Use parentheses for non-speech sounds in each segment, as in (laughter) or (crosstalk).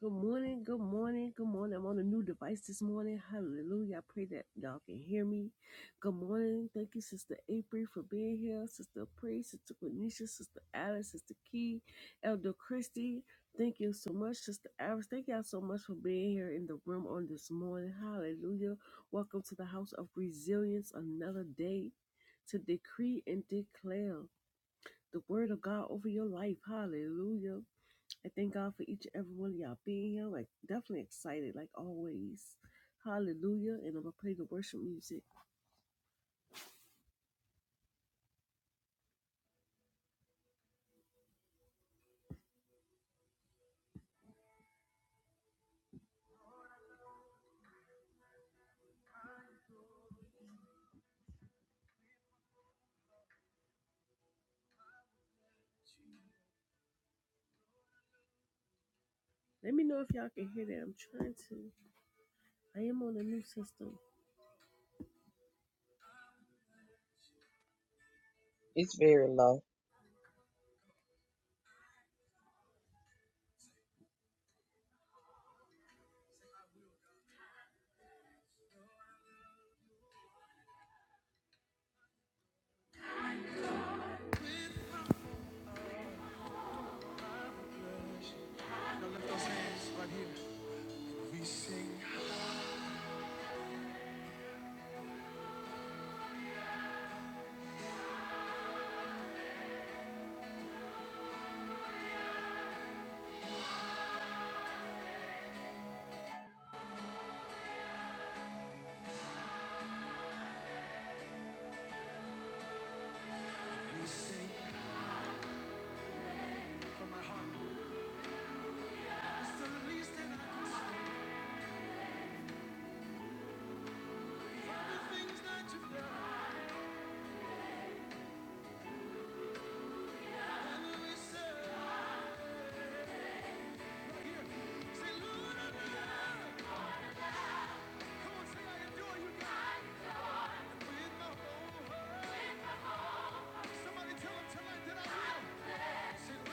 Good morning, good morning, good morning. I'm on a new device this morning. Hallelujah. I pray that y'all can hear me. Good morning. Thank you, Sister April, for being here. Sister Praise, Sister Quenisha, Sister Alice, Sister Key, Elder Christie. Thank you so much, Sister Alice. Thank y'all so much for being here in the room on this morning. Hallelujah. Welcome to the House of Resilience, another day to decree and declare the word of God over your life. Hallelujah. I thank God for each and every one of y'all being here. Like definitely excited, like always. Hallelujah. And I'm gonna play the worship music. Let me know if y'all can hear that. I'm trying to. I am on a new system. It's very low. Now lift those hands right here. We sing, we sing from my heart. It's the least thing I can say. From the things that you've done, and we say, here, say, Lord, I adore you. Come on, say, I adore you, God. With my whole heart. Somebody tell him tonight that I will. With my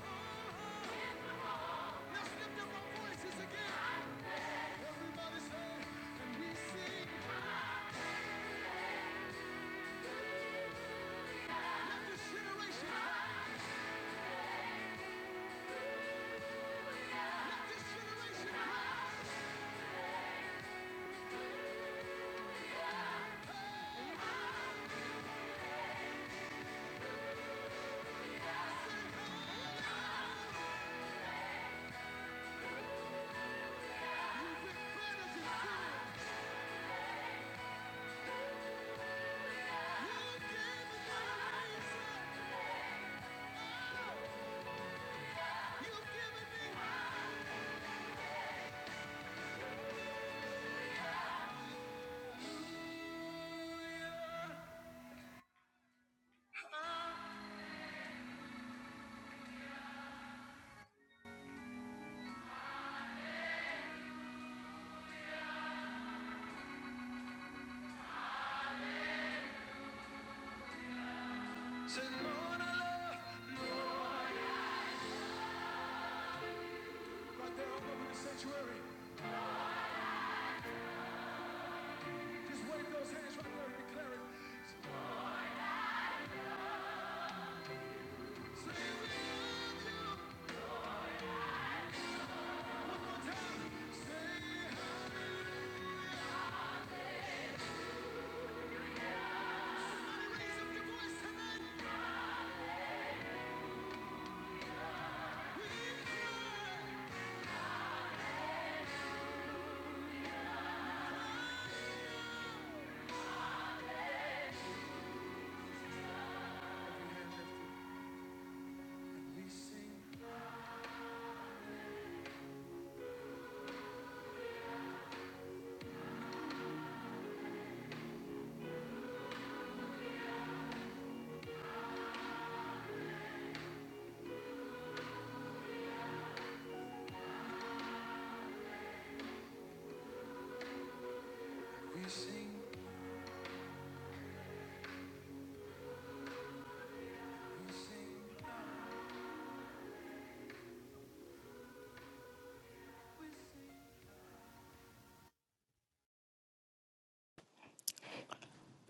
whole heart. Let's lift up our voices say, we hey, Lord, love you. Right there, I'm the sanctuary. Just wave those hands right there and declare it. Say, we love you. One more time. Say, hey.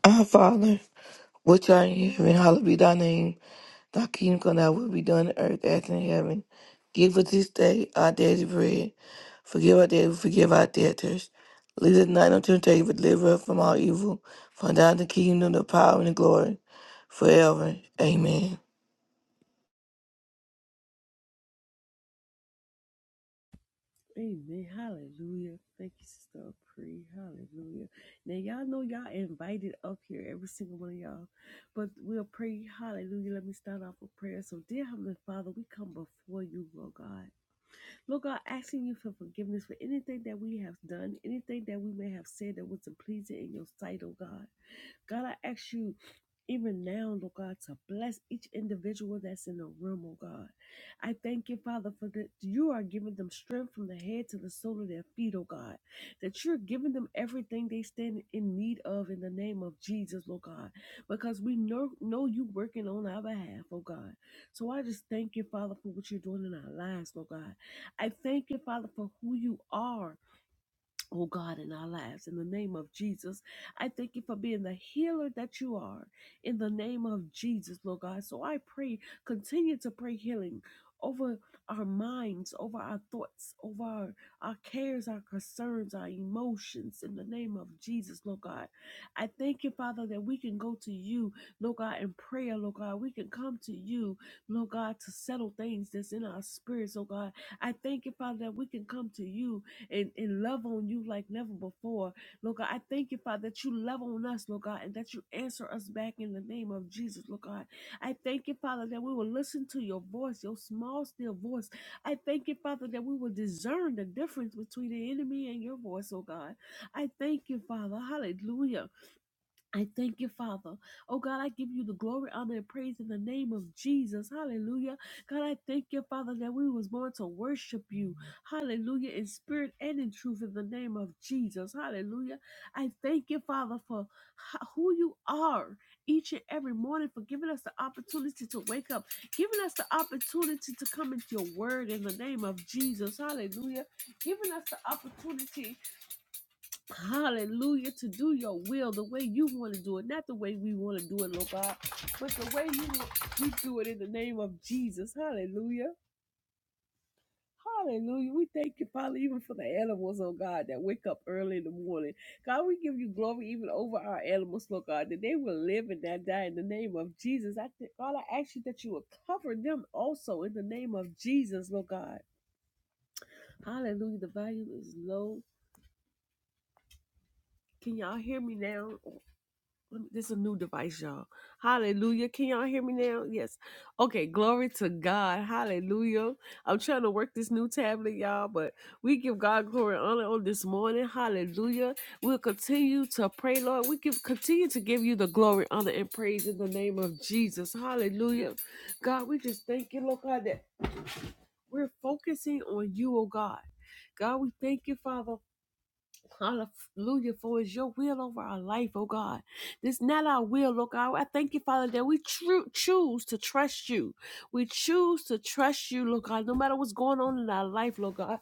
Our Father, which art in heaven, hallowed be thy name. Thy kingdom come, thy will be done on earth as in heaven. Give us this day our daily bread. Forgive our debts, we forgive our debtors. Lead us not into temptation, but deliver us from all evil. For thine is the kingdom, the power, and the glory, forever. Amen. Amen. Hallelujah. Thank you, Sister Pre. Hallelujah. Now y'all know y'all invited up here, every single one of y'all. But we'll pray. Hallelujah. Let me start off with prayer. So, dear Heavenly Father, we come before you, Lord God. Lord God, asking you for forgiveness for anything that we have done, anything that we may have said that wasn't pleasing in your sight, oh God. God, I ask you even now, Lord God, to bless each individual that's in the room, oh God. I thank you, Father, for that you are giving them strength from the head to the sole of their feet, oh God. That you're giving them everything they stand in need of in the name of Jesus, Lord God. Because we know know you working on our behalf, oh God. So I just thank you, Father, for what you're doing in our lives, Lord God. I thank you, Father, for who you are oh God, in our lives. In the name of Jesus, I thank you for being the healer that you are. In the name of Jesus, Lord God. So I pray, continue to pray healing over our minds, over our thoughts, over our, our cares, our concerns, our emotions. In the name of Jesus, Lord God. I thank you, Father, that we can go to you, Lord God, in prayer, Lord God. We can come to you, Lord God, to settle things that's in our spirits, oh God. I thank you, Father, that we can come to you, and, and love on you like never before. Lord God, I thank you, Father, that you love on us, Lord God, and that you answer us back in the name of Jesus, Lord God. I thank you, Father, that we will listen to your voice, your small, still voice. I thank you, Father, that we will discern the difference between the enemy and your voice, oh God. I thank you, Father. Hallelujah I thank you, Father. Oh God, I give you the glory, honor, and praise in the name of Jesus. Hallelujah. God, I thank you, Father, that we was born to worship you. Hallelujah. In spirit and in truth in the name of Jesus. Hallelujah. I thank you, Father, for ho- who you are each and every morning for giving us the opportunity to wake up, giving us the opportunity to come into your word in the name of Jesus. Hallelujah. Giving us the opportunity Hallelujah. To do your will the way you want to do it, not the way we want to do it, Lord God, but the way you want, we do it in the name of Jesus. Hallelujah. Hallelujah. We thank you, Father, even for the animals, oh God, that wake up early in the morning. God, we give you glory even over our animals, Lord God, that they will live and not die in the name of Jesus. I think, God, I ask you that you will cover them also in the name of Jesus, Lord God. Hallelujah. The volume is low. Can y'all hear me now? let me- this is a new device, y'all. Hallelujah. Can y'all hear me now? Yes. Okay, glory to God. Hallelujah. I'm trying to work this new tablet, y'all, but we give God glory and honor on this morning. Hallelujah. We'll continue to pray, Lord. We give continue to give you the glory, honor, and praise in the name of Jesus. Hallelujah. God, we just thank you, Lord God, that we're focusing on you, oh God. God, we thank you, Father. Hallelujah, for it's your will over our life, oh God. This not our will, oh God. I thank you, Father, that we tru- choose to trust you. We choose to trust you, Lord God, no matter what's going on in our life, Lord God.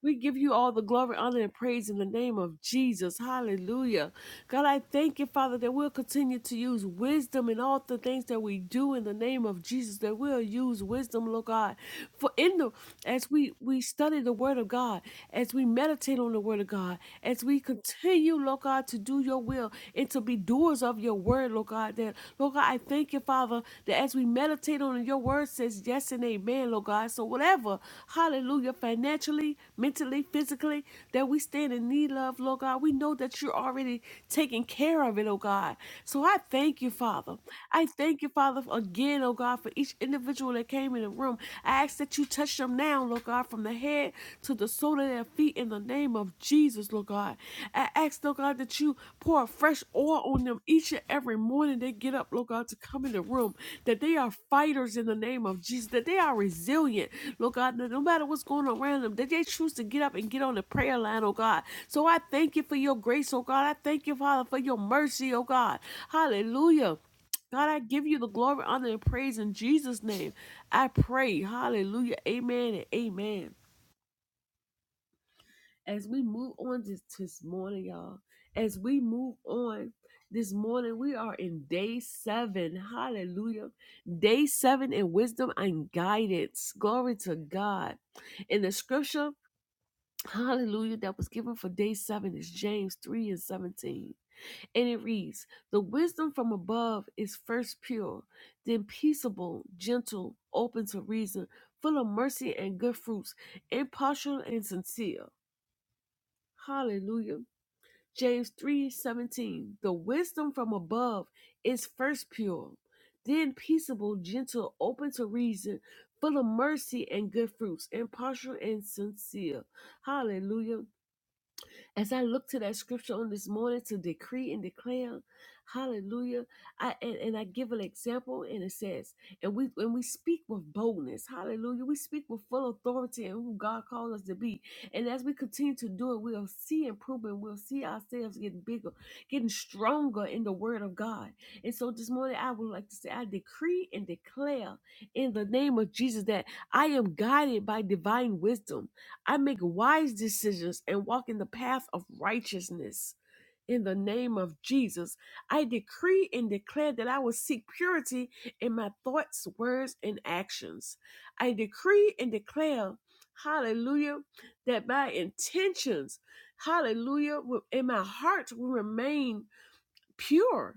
We give you all the glory, honor, and praise in the name of Jesus. Hallelujah. God, I thank you, Father, that we'll continue to use wisdom in all the things that we do in the name of Jesus, that we'll use wisdom, Lord God. For in the as we we study the word of God, as we meditate on the word of God, as we continue, Lord God, to do your will and to be doers of your word, Lord God, that Lord God, I thank you, Father, that as we meditate meditate on it. your word says yes and amen, Lord God. So whatever, hallelujah, financially, mentally, physically, that we stand in need of, Lord God, we know that you're already taking care of it, oh God. So I thank you, Father. I thank you, Father, again, oh God, for each individual that came in the room. I ask that you touch them now, Lord God, from the head to the sole of their feet in the name of Jesus, Lord God. I ask, Lord God, that you pour fresh oil on them each and every morning they get up, Lord God, to come in the room, that they are fighters in the name of Jesus, that they are resilient, Lord God, that no matter what's going around them, that they choose to get up and get on the prayer line, oh God. So I thank you for your grace, oh God. I thank you, Father, for your mercy, oh God. Hallelujah. God, I give you the glory, honor, and praise in Jesus' name. I pray. Hallelujah. Amen and amen as we move on this, this morning, y'all, as we move on this morning, we are in day seven. Hallelujah. Day seven in wisdom and guidance. Glory to God. In the scripture, hallelujah, that was given for day seven is James 3 and 17. And it reads, The wisdom from above is first pure, then peaceable, gentle, open to reason, full of mercy and good fruits, impartial and sincere. Hallelujah. James 3:17 The wisdom from above is first pure, then peaceable, gentle, open to reason, full of mercy and good fruits, impartial and sincere. Hallelujah. As I look to that scripture on this morning to decree and declare, hallelujah. I and, and I give an example and it says, and we when we speak with boldness, hallelujah, we speak with full authority and who God called us to be. And as we continue to do it, we'll see improvement, we'll see ourselves getting bigger, getting stronger in the word of God. And so this morning I would like to say I decree and declare in the name of Jesus that I am guided by divine wisdom. I make wise decisions and walk in the path of righteousness. In the name of Jesus, I decree and declare that I will seek purity in my thoughts, words, and actions. I decree and declare, hallelujah, that my intentions, hallelujah, will- in my heart will remain pure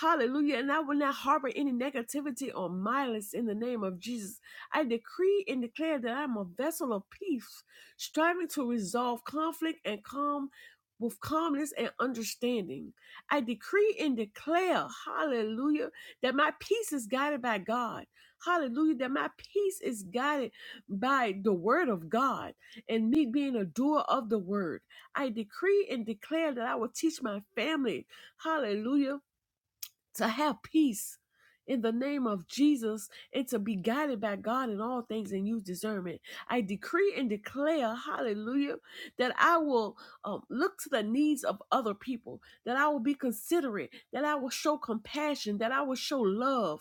Hallelujah. And I will not harbor any negativity or malice in the name of Jesus. I decree and declare that I'm a vessel of peace, striving to resolve conflict and calm with calmness and understanding. I decree and declare, hallelujah, that my peace is guided by God. Hallelujah, that my peace is guided by the word of God and me being a doer of the word. I decree and declare that I will teach my family, hallelujah to have peace in the name of Jesus and to be guided by God in all things and use discernment. I decree and declare, hallelujah, that I will um, look to the needs of other people, that I will be considerate, that I will show compassion, that I will show love,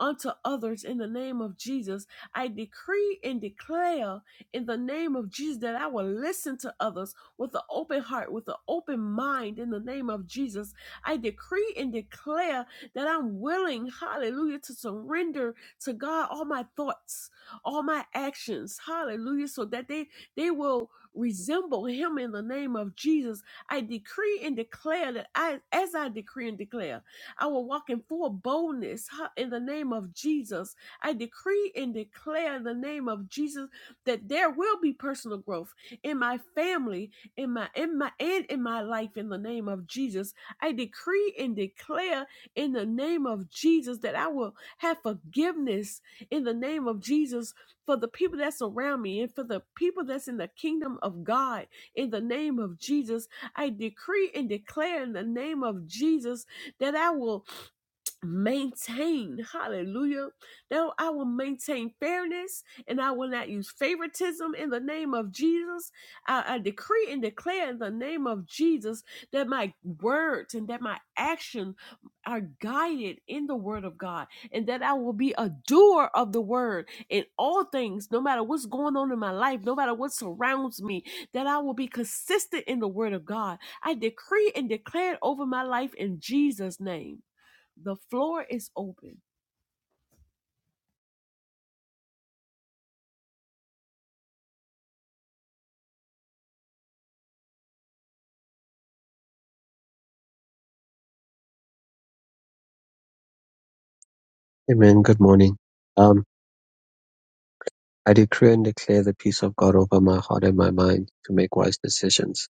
unto others in the name of Jesus. I decree and declare in the name of Jesus that I will listen to others with an open heart, with an open mind in the name of Jesus. I decree and declare that I'm willing, hallelujah, to surrender to God all my thoughts, all my actions, hallelujah, so that they, they will resemble Him in the name of Jesus. I decree and declare that I, as I decree and declare, I will walk in full boldness huh, in the name of Jesus. I decree and declare in the name of Jesus that there will be personal growth in my family, in my in my and in my life in the name of Jesus. I decree and declare in the name of Jesus that I will have forgiveness in the name of Jesus for the people that's around me and for the people that's in the kingdom of God in the name of Jesus. I decree and declare in the name of Jesus that I will maintain hallelujah that i will maintain fairness and i will not use favoritism in the name of jesus I, I decree and declare in the name of jesus that my words and that my actions are guided in the word of god and that i will be a doer of the word in all things no matter what's going on in my life no matter what surrounds me that i will be consistent in the word of god i decree and declare it over my life in jesus name the floor is open. Amen. Good morning. Um, I decree and declare the peace of God over my heart and my mind to make wise decisions.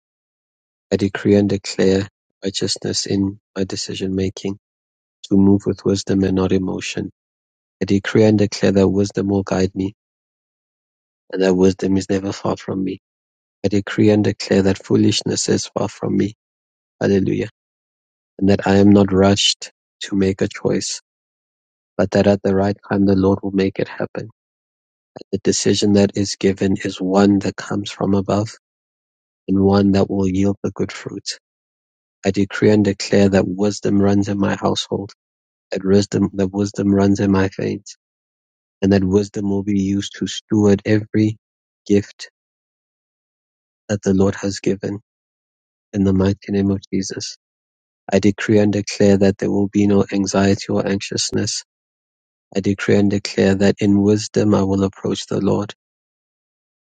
I decree and declare righteousness in my decision making to move with wisdom and not emotion. I decree and declare that wisdom will guide me and that wisdom is never far from me. I decree and declare that foolishness is far from me. Hallelujah. And that I am not rushed to make a choice, but that at the right time the Lord will make it happen. The decision that is given is one that comes from above and one that will yield the good fruit. I decree and declare that wisdom runs in my household, that wisdom, that wisdom runs in my veins, and that wisdom will be used to steward every gift that the Lord has given. In the mighty name of Jesus, I decree and declare that there will be no anxiety or anxiousness. I decree and declare that in wisdom I will approach the Lord,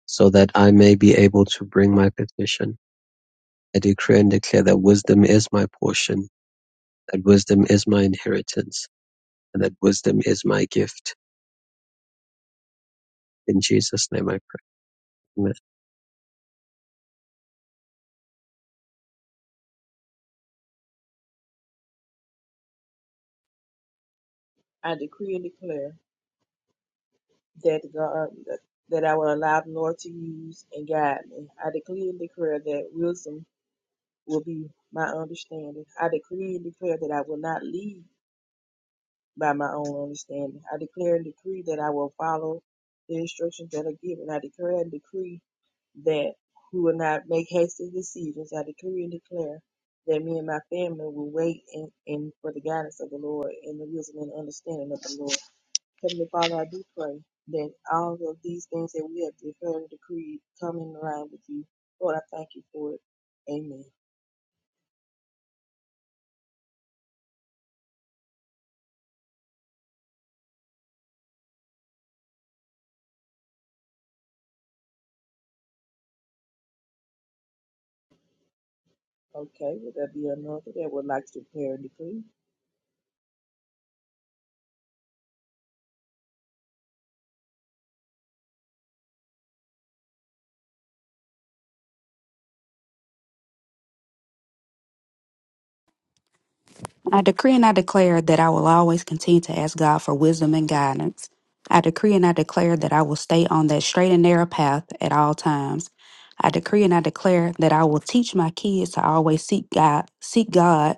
so that I may be able to bring my petition. I decree and declare that wisdom is my portion, that wisdom is my inheritance and that wisdom is my gift. In Jesus' name I pray. Amen. I decree and declare that God that I will allow the Lord to use and guide me. I decree and declare that wisdom will be my understanding. I decree and declare that I will not lead by my own understanding. I declare and decree that I will follow the instructions that are given. I declare and decree that we will not make hasty decisions. I decree and declare that me and my family will wait and, and for the guidance of the Lord and the wisdom and understanding of the Lord. Heavenly Father, I do pray that all of these things that we have declared and decreed come in line with you. Lord, I thank you for it. Amen. Okay, would there be another that would like to declare and decree? I decree and I declare that I will always continue to ask God for wisdom and guidance. I decree and I declare that I will stay on that straight and narrow path at all times. I decree and I declare that I will teach my kids to always seek God, seek God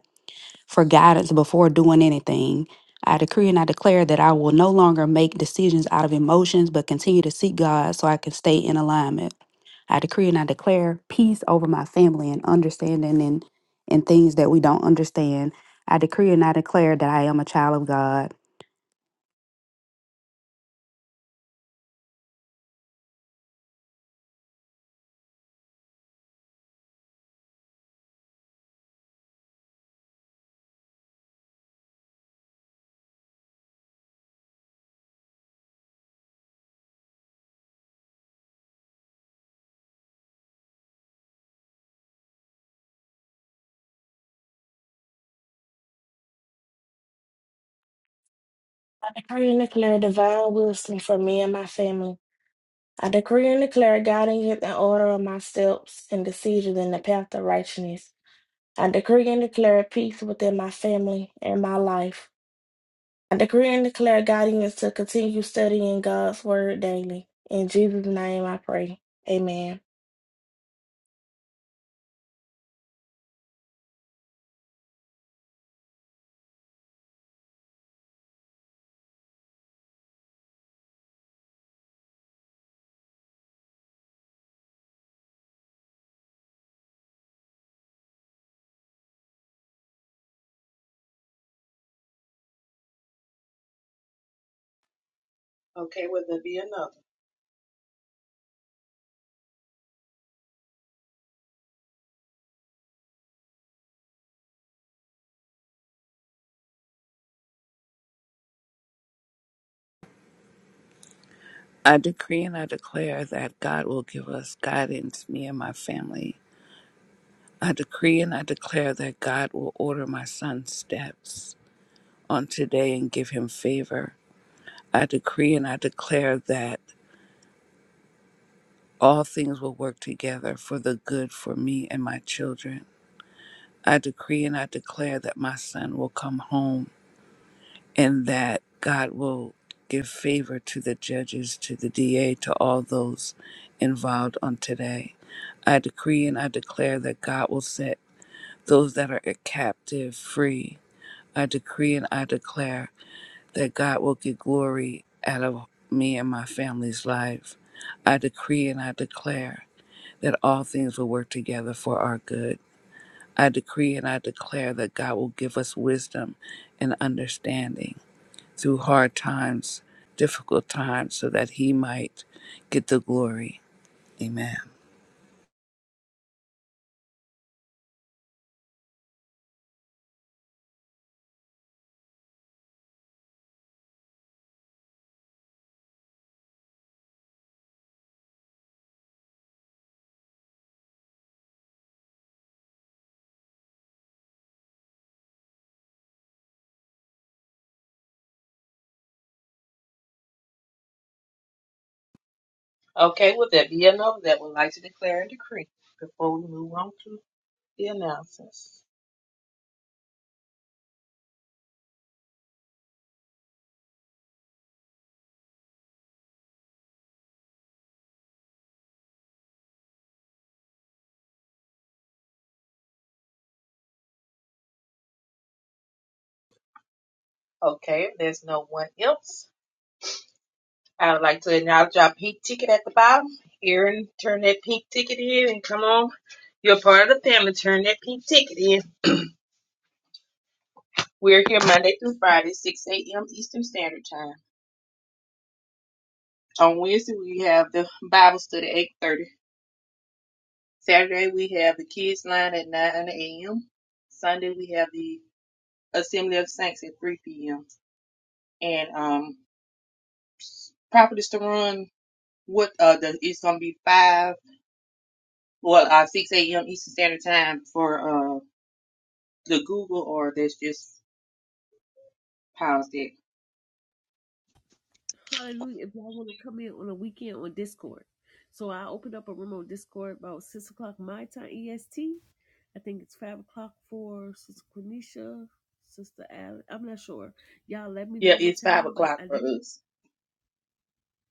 for guidance before doing anything. I decree and I declare that I will no longer make decisions out of emotions, but continue to seek God so I can stay in alignment. I decree and I declare peace over my family and understanding and, and things that we don't understand. I decree and I declare that I am a child of God. I decree and declare divine wisdom for me and my family. I decree and declare guidance the order of my steps and decisions in the path of righteousness. I decree and declare peace within my family and my life. I decree and declare guidance to continue studying God's word daily. In Jesus' name I pray. Amen. Okay, would there be another? I decree and I declare that God will give us guidance, me and my family. I decree and I declare that God will order my son's steps on today and give him favor. I decree and I declare that all things will work together for the good for me and my children. I decree and I declare that my son will come home and that God will give favor to the judges, to the DA, to all those involved on today. I decree and I declare that God will set those that are captive free. I decree and I declare that God will get glory out of me and my family's life. I decree and I declare that all things will work together for our good. I decree and I declare that God will give us wisdom and understanding through hard times, difficult times, so that He might get the glory. Amen. Okay, would there be another that would like to declare and decree before we move on to the announcements? Okay, if there's no one else, I would like to acknowledge our pink ticket at the bottom. Erin, turn that pink ticket in and come on. You're part of the family. Turn that pink ticket in. We're here Monday through Friday, 6 a.m. Eastern Standard Time. On Wednesday, we have the Bible study, 8.30. Saturday, we have the kids line at 9 a.m. Sunday, we have the Assembly of Saints at 3 p.m. And um, properties to run, what uh, the, it's going to be 5, well, uh, 6 a.m. Eastern Standard Time for uh, the Google, or that's just paused it. Hallelujah. If y'all want to come in on a weekend on Discord. So I opened up a room on Discord about 6 o'clock my time EST. I think it's 5 o'clock for Sister Quenisha, Sister Allen. I'm not sure. Y'all let me Yeah, know what it's 5 time, but o'clock I for think, us.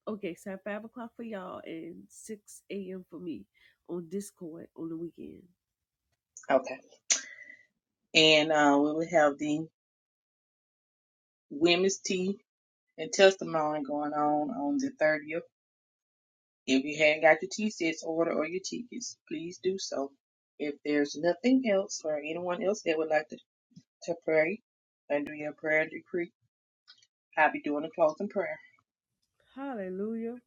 okay, so 5 o'clock for y'all and 6 a.m. for me on Discord on the weekend. Okay. And uh, we will have the women's tea and testimony going on on the 30th. If you haven't got your T-sets order or your tickets, please do so. If there's nothing else or anyone else that would like to, to pray and do your prayer decree, I'll be doing a closing prayer. Hallelujah.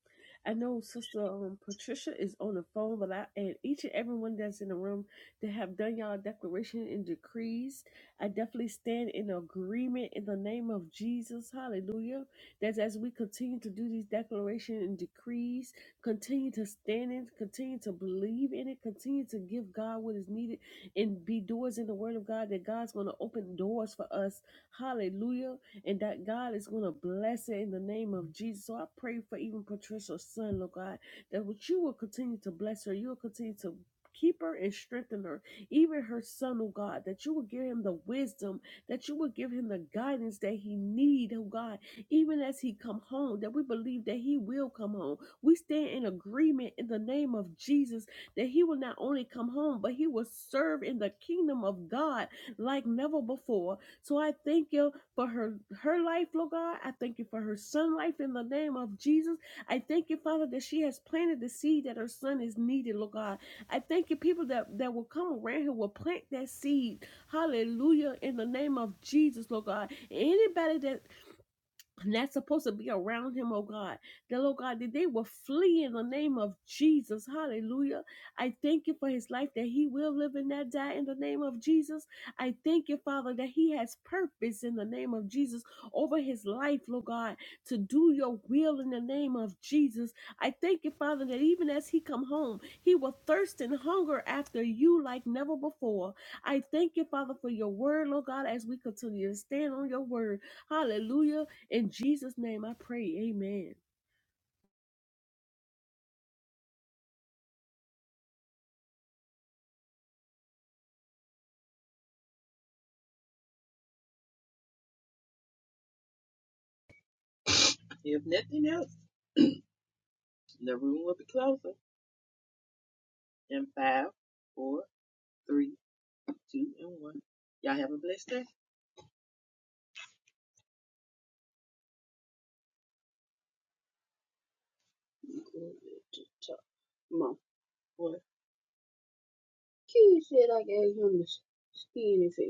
I know Sister um, Patricia is on the phone, but I and each and everyone that's in the room that have done y'all declaration and decrees, I definitely stand in agreement in the name of Jesus. Hallelujah. That as we continue to do these declaration and decrees, continue to stand in, continue to believe in it, continue to give God what is needed, and be doers in the Word of God. That God's going to open doors for us. Hallelujah and that God is going to bless it in the name of Jesus. So I pray for even Patricia's son, Lord God, that what you will continue to bless her, you will continue to keep her and strengthen her, even her son, oh God, that you will give him the wisdom, that you will give him the guidance that he need, oh God, even as he come home, that we believe that he will come home. We stand in agreement in the name of Jesus that he will not only come home, but he will serve in the kingdom of God like never before. So I thank you for her her life, Lord God. I thank you for her son life in the name of Jesus. I thank you, Father, that she has planted the seed that her son is needed, Lord God. I thank you, people that, that will come around here will plant that seed. Hallelujah. In the name of Jesus, Lord God. Anybody that that's supposed to be around him, oh God. That, oh God, that they will flee in the name of Jesus. Hallelujah. I thank you for his life that he will live and not die in the name of Jesus. I thank you, Father, that he has purpose in the name of Jesus over his life, Lord God, to do your will in the name of Jesus. I thank you, Father, that even as he come home, he will thirst and hunger after you like never before. I thank you, Father, for your word, Lord God, as we continue to stand on your word. Hallelujah in Jesus' name I pray. Amen. If nothing else, (clears throat) the room will be closing in five, four, three, two, and one. Y'all have a blessed day. Mom, what? Kid said I gave him the skinny face.